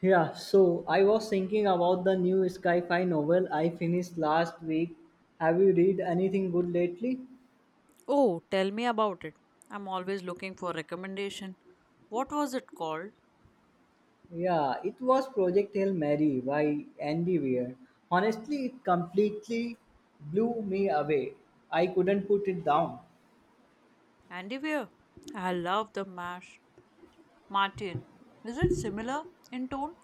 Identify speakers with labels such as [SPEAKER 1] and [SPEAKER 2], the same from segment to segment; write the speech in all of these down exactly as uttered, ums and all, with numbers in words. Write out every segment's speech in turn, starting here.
[SPEAKER 1] Yeah, so I was thinking about the new sci-fi novel I finished last week. Have you read anything good lately?
[SPEAKER 2] Oh, tell me about it. I'm always looking for recommendation. What was it called?
[SPEAKER 1] Yeah, it was Project Hail Mary by Andy Weir. Honestly, it completely blew me away. I couldn't put it down.
[SPEAKER 2] Andy Weir. I love the mash. Martin. Is it similar in tone?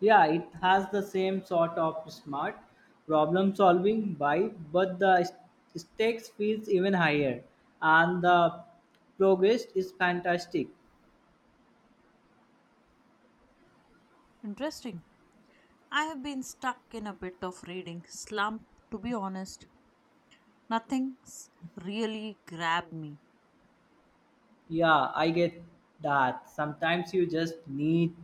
[SPEAKER 1] Yeah, it has the same sort of smart problem solving vibe, but the stakes feels even higher and the progress is fantastic.
[SPEAKER 2] Interesting. I have been stuck in a bit of reading slump to be honest. Nothing's really grabbed me.
[SPEAKER 1] Yeah, I get that. Sometimes you just need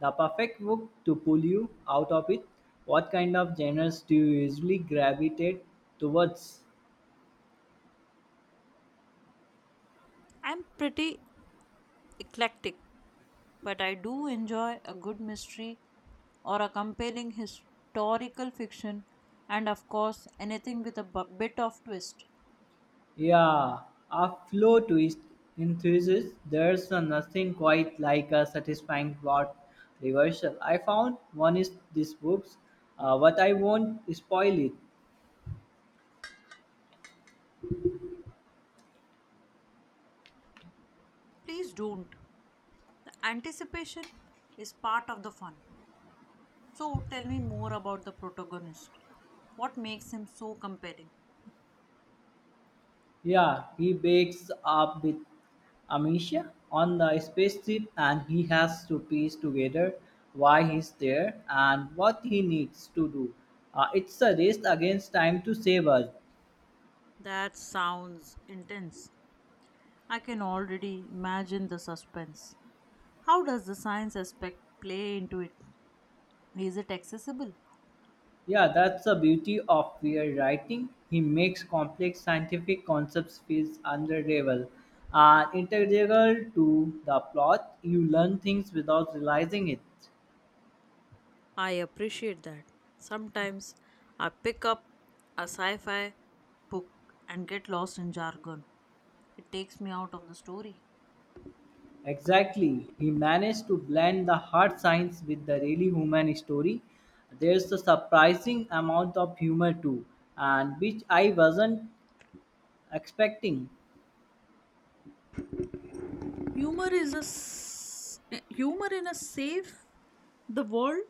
[SPEAKER 1] the perfect book to pull you out of it. What kind of genres do you usually gravitate towards?
[SPEAKER 2] I'm pretty eclectic, but I do enjoy a good mystery or a compelling historical fiction, and of course anything with a bu- bit of twist.
[SPEAKER 1] Yeah, a flow twist enthusiast. There's a nothing quite like a satisfying plot reversal. I found one is this books, uh, but I won't spoil it.
[SPEAKER 2] Please don't. The anticipation is part of the fun. So tell me more about the protagonist. What makes him so compelling?
[SPEAKER 1] Yeah, he wakes up with amnesia on the spaceship and he has to piece together why he's there and what he needs to do. Uh, it's a race against time to save us.
[SPEAKER 2] That sounds intense. I can already imagine the suspense. How does the science aspect play into it? Is it accessible?
[SPEAKER 1] Yeah, that's the beauty of weird writing. He makes complex scientific concepts feel understandable and integral to the plot. You learn things without realizing it.
[SPEAKER 2] I appreciate that. Sometimes I pick up a sci fi book and get lost in jargon. It takes me out of the story.
[SPEAKER 1] Exactly. He managed to blend the hard science with the really human story. There's a surprising amount of humor too, and which I wasn't expecting.
[SPEAKER 2] Humor is a s- Humor in a safe the world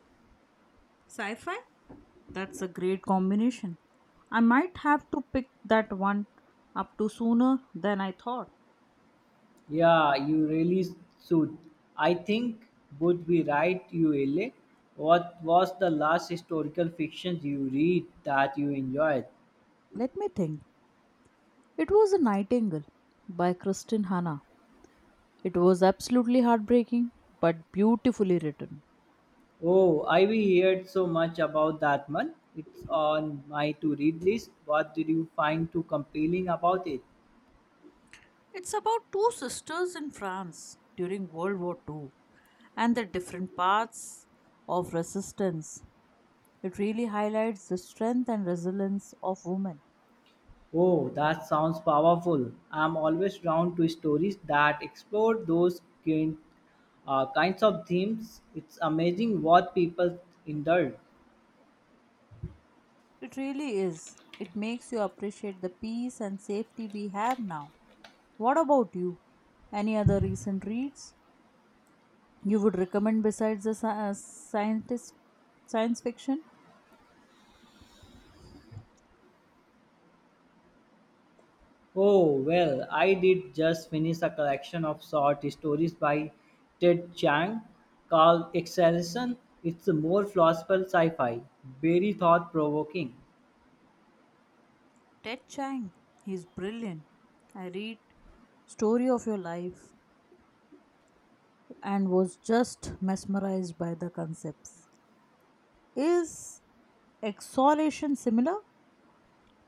[SPEAKER 2] sci-fi. That's a great combination. I might have to pick that one up to sooner than I thought.
[SPEAKER 1] Yeah, you really should. I think would be right, you L A. What was the last historical fiction you read that you enjoyed?
[SPEAKER 2] Let me think. It was A Nightingale by Kristin Hanna. It was absolutely heartbreaking, but beautifully written.
[SPEAKER 1] Oh, I we heard so much about that one. It's on my to read list. What did you find too compelling about it?
[SPEAKER 2] It's about two sisters in France during World War two and their different paths of resistance. It really highlights the strength and resilience of women.
[SPEAKER 1] Oh, that sounds powerful. I'm always drawn to stories that explore those kind, uh, kinds of themes. It's amazing what people indulge.
[SPEAKER 2] It really is. It makes you appreciate the peace and safety we have now. What about you? Any other recent reads you would recommend besides the sci- uh, scientist science fiction?
[SPEAKER 1] Oh, well, I did just finish a collection of short stories by Ted Chiang called Acceleration. It's a more philosophical sci fi, very thought provoking.
[SPEAKER 2] Ted Chiang, he's brilliant. I read Story of Your Life and was just mesmerized by the concepts. Is exhalation similar?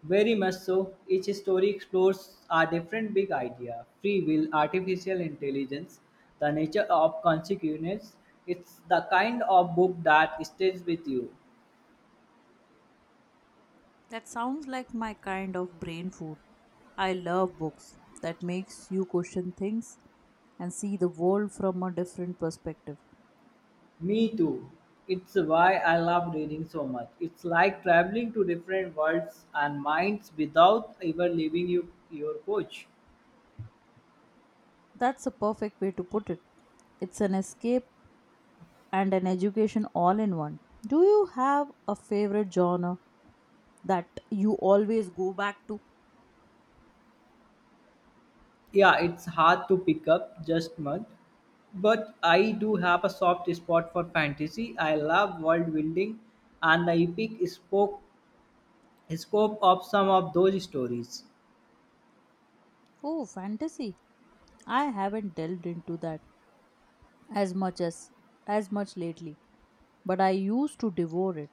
[SPEAKER 1] Very much so. Each story explores a different big idea free will, artificial intelligence, the nature of consequence. It's the kind of book that stays with you.
[SPEAKER 2] That sounds like my kind of brain food. I love books that makes you question things and see the world from a different perspective.
[SPEAKER 1] Me too. It's why I love reading so much. It's like traveling to different worlds and minds without ever leaving you, your coach.
[SPEAKER 2] That's a perfect way to put it. It's an escape and an education all in one. Do you have a favorite genre that you always go back to?
[SPEAKER 1] Yeah, it's hard to pick up just mud, but I do have a soft spot for fantasy. I love world building and the epic spoke, scope of some of those stories.
[SPEAKER 2] Oh, fantasy. I haven't delved into that as much as as much lately, but I used to devour it.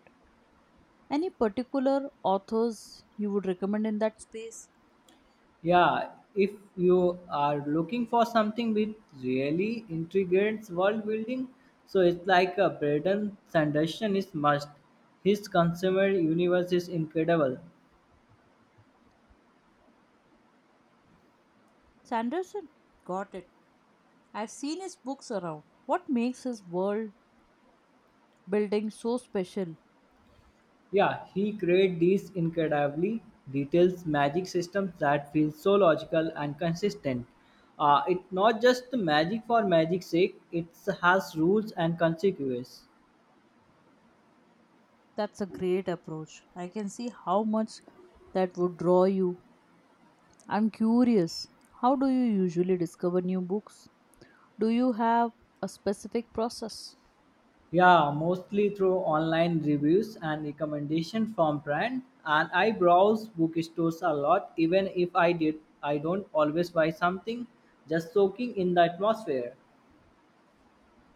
[SPEAKER 2] Any particular authors you would recommend in that space?
[SPEAKER 1] Yeah, if you are looking for something with really intriguing world building, so it's like a Braden Sanderson is must. His consumer universe is incredible.
[SPEAKER 2] Sanderson? Got it. I've seen his books around. What makes his world building so special?
[SPEAKER 1] Yeah, he created these incredibly detailed magic systems that feel so logical and consistent. Uh, it's not just the magic for magic's sake, it has rules and consequences.
[SPEAKER 2] That's a great approach. I can see how much that would draw you. I'm curious, how do you usually discover new books? Do you have a specific process?
[SPEAKER 1] Yeah, mostly through online reviews and recommendation from brand. And I browse bookstores a lot, even if I did I don't always buy something, just soaking in the atmosphere.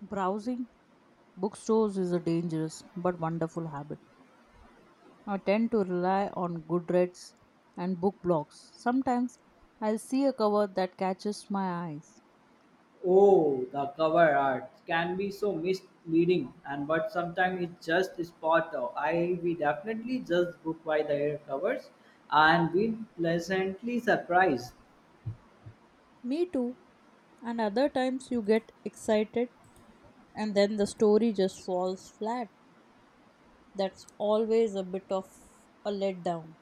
[SPEAKER 2] Browsing bookstores is a dangerous but wonderful habit. I tend to rely on Goodreads and book blogs. Sometimes I'll see a cover that catches my eyes.
[SPEAKER 1] Oh, the cover art can be so misleading, and but sometimes it's just spot on. I we definitely just book by the air covers, and been pleasantly surprised.
[SPEAKER 2] Me too. And other times you get excited and then the story just falls flat. That's always a bit of a letdown.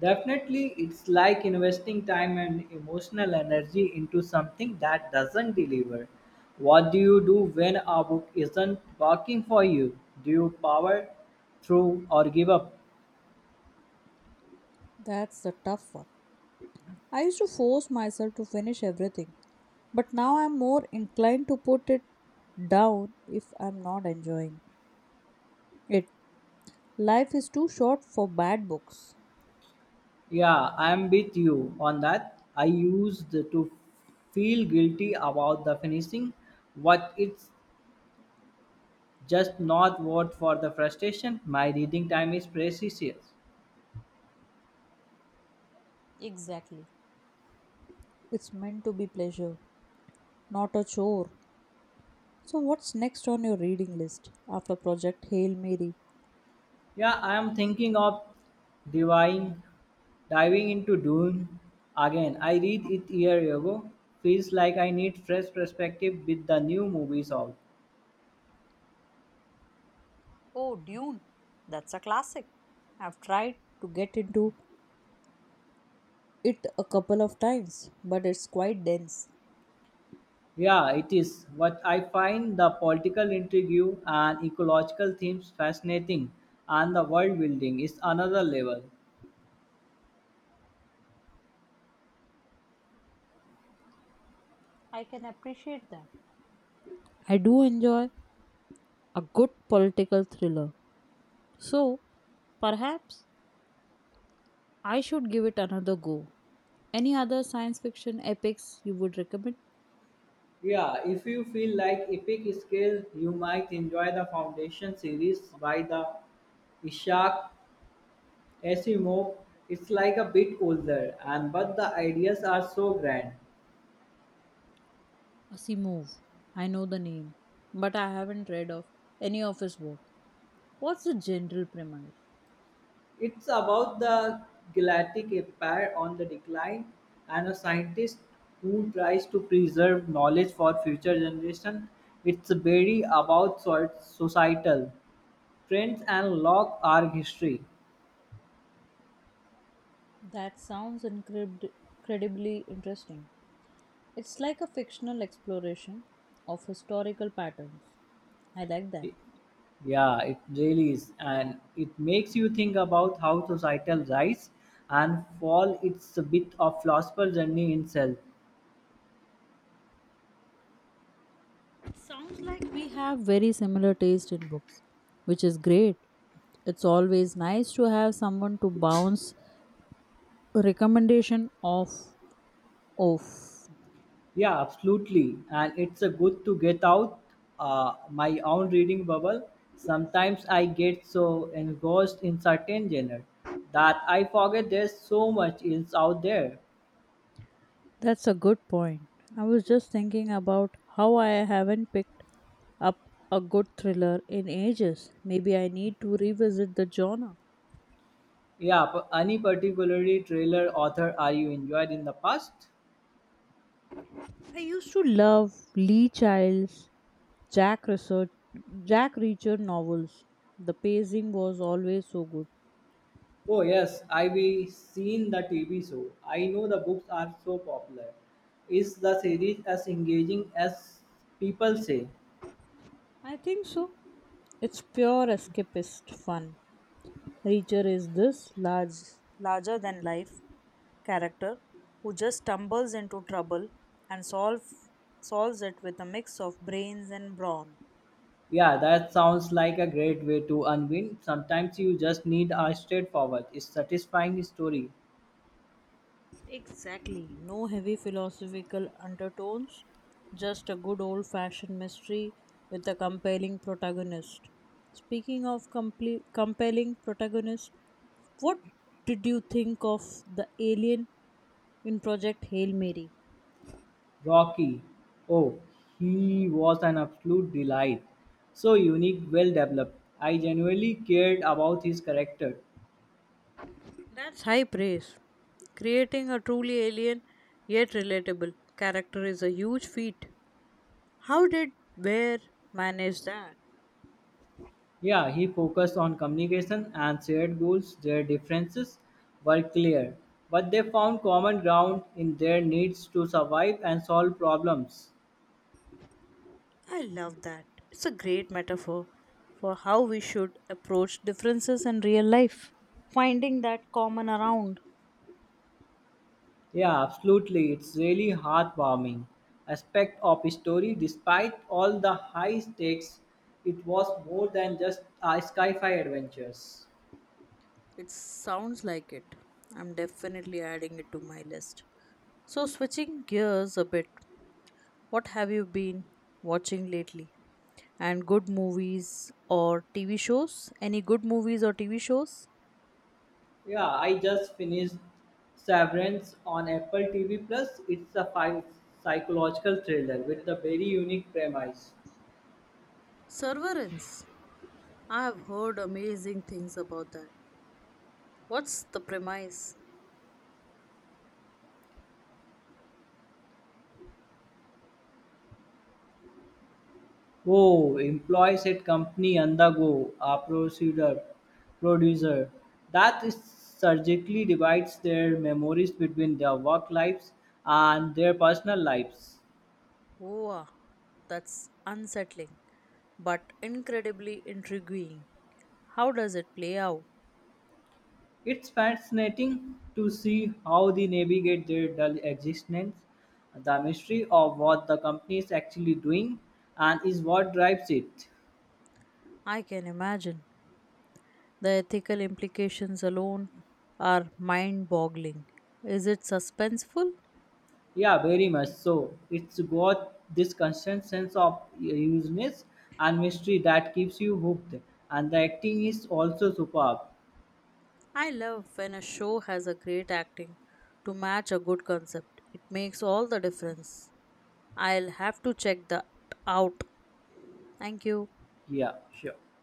[SPEAKER 1] Definitely, it's like investing time and emotional energy into something that doesn't deliver. What do you do when a book isn't working for you? Do you power through or give up?
[SPEAKER 2] That's the tough one. I used to force myself to finish everything, but now I'm more inclined to put it down if I'm not enjoying it. Life is too short for bad books.
[SPEAKER 1] Yeah, I'm with you on that. I used to feel guilty about the finishing, but it's just not worth for the frustration. My reading time is precious.
[SPEAKER 2] Exactly. It's meant to be pleasure, not a chore. So, what's next on your reading list after Project Hail Mary?
[SPEAKER 1] Yeah, I am thinking of divine diving into Dune again. I read it year ago. Feels like I need fresh perspective with the new movies out.
[SPEAKER 2] Oh, Dune. That's a classic. I've tried. To get into it a couple of times, but it's quite dense.
[SPEAKER 1] Yeah, it is. What I find the political intrigue and ecological themes fascinating, and the world building is another level.
[SPEAKER 2] I can appreciate that. I do enjoy a good political thriller, so perhaps I should give it another go. Any other science fiction epics you would recommend?
[SPEAKER 1] Yeah, if you feel like epic scale, you might enjoy the Foundation series by the Ishak Asimov. It's like a bit older, and but the ideas are so grand.
[SPEAKER 2] Asimov. I know the name, but I haven't read of any of his work. What's the general premise?
[SPEAKER 1] It's about the Galactic Empire on the decline and a scientist who tries to preserve knowledge for future generations. It's very about so- societal trends and log our history.
[SPEAKER 2] That sounds incredib- incredibly interesting. It's like a fictional exploration of historical patterns. I like that.
[SPEAKER 1] It- Yeah, it really is. And it makes you think about how societal rise and fall. It's a bit of philosophical journey itself.
[SPEAKER 2] It sounds like we have very similar taste in books, which is great. It's always nice to have someone to bounce recommendation off off.
[SPEAKER 1] Yeah, absolutely. And it's a good to get out uh, my own reading bubble. Sometimes I get so engrossed in certain genre that I forget there's so much else out there.
[SPEAKER 2] That's a good point. I was just thinking about how I haven't picked up a good thriller in ages. Maybe I need to revisit the genre.
[SPEAKER 1] Yeah, p- any particularly trailer author are you enjoyed in the past?
[SPEAKER 2] I used to love Lee Child's Jack Research Jack Reacher novels. The pacing was always so good.
[SPEAKER 1] Oh yes, I've seen the T V show. I know the books are so popular. Is the series as engaging as people say?
[SPEAKER 2] I think so. It's pure escapist fun. Reacher is this large larger than life character who just stumbles into trouble and solve, solves it with a mix of brains and brawn.
[SPEAKER 1] Yeah, that sounds like a great way to unwind. Sometimes you just need a straightforward, satisfying story.
[SPEAKER 2] Exactly. No heavy philosophical undertones, just a good old fashioned mystery with a compelling protagonist. Speaking of comple- compelling protagonist, what did you think of the alien in Project Hail Mary?
[SPEAKER 1] Rocky, oh, he was an absolute delight. So unique, well developed. I genuinely cared about his character.
[SPEAKER 2] That's high praise. Creating a truly alien yet relatable character is a huge feat. How did Ware manage that?
[SPEAKER 1] Yeah, he focused on communication and shared goals. Their differences were clear, but they found common ground in their needs to survive and solve problems.
[SPEAKER 2] I love that. It's a great metaphor for how we should approach differences in real life. Finding that common around.
[SPEAKER 1] Yeah, absolutely. It's really heartwarming aspect of his story. Despite all the high stakes, it was more than just uh, sci-fi adventures.
[SPEAKER 2] It sounds like it. I'm definitely adding it to my list. So, switching gears a bit, what have you been watching lately? And good movies or T V shows? Any good movies or T V shows?
[SPEAKER 1] Yeah, I just finished Severance on Apple T V Plus. It's a five psychological thriller with a very unique premise.
[SPEAKER 2] Severance. I have heard amazing things about that. What's the premise?
[SPEAKER 1] Oh, employees at company undergo a procedure producer that is surgically divides their memories between their work lives and their personal lives.
[SPEAKER 2] Wow, that's unsettling, but incredibly intriguing. How does it play out?
[SPEAKER 1] It's fascinating to see how they navigate their dull existence, the mystery of what the company is actually doing, and is what drives it.
[SPEAKER 2] I can imagine. The ethical implications alone are mind boggling. Is it suspenseful?
[SPEAKER 1] Yeah, very much so. It's got this constant sense of useness and mystery that keeps you hooked, and the acting is also superb.
[SPEAKER 2] I love when a show has a great acting to match a good concept. It makes all the difference. I'll have to check that out. Thank you.
[SPEAKER 1] Yeah, sure.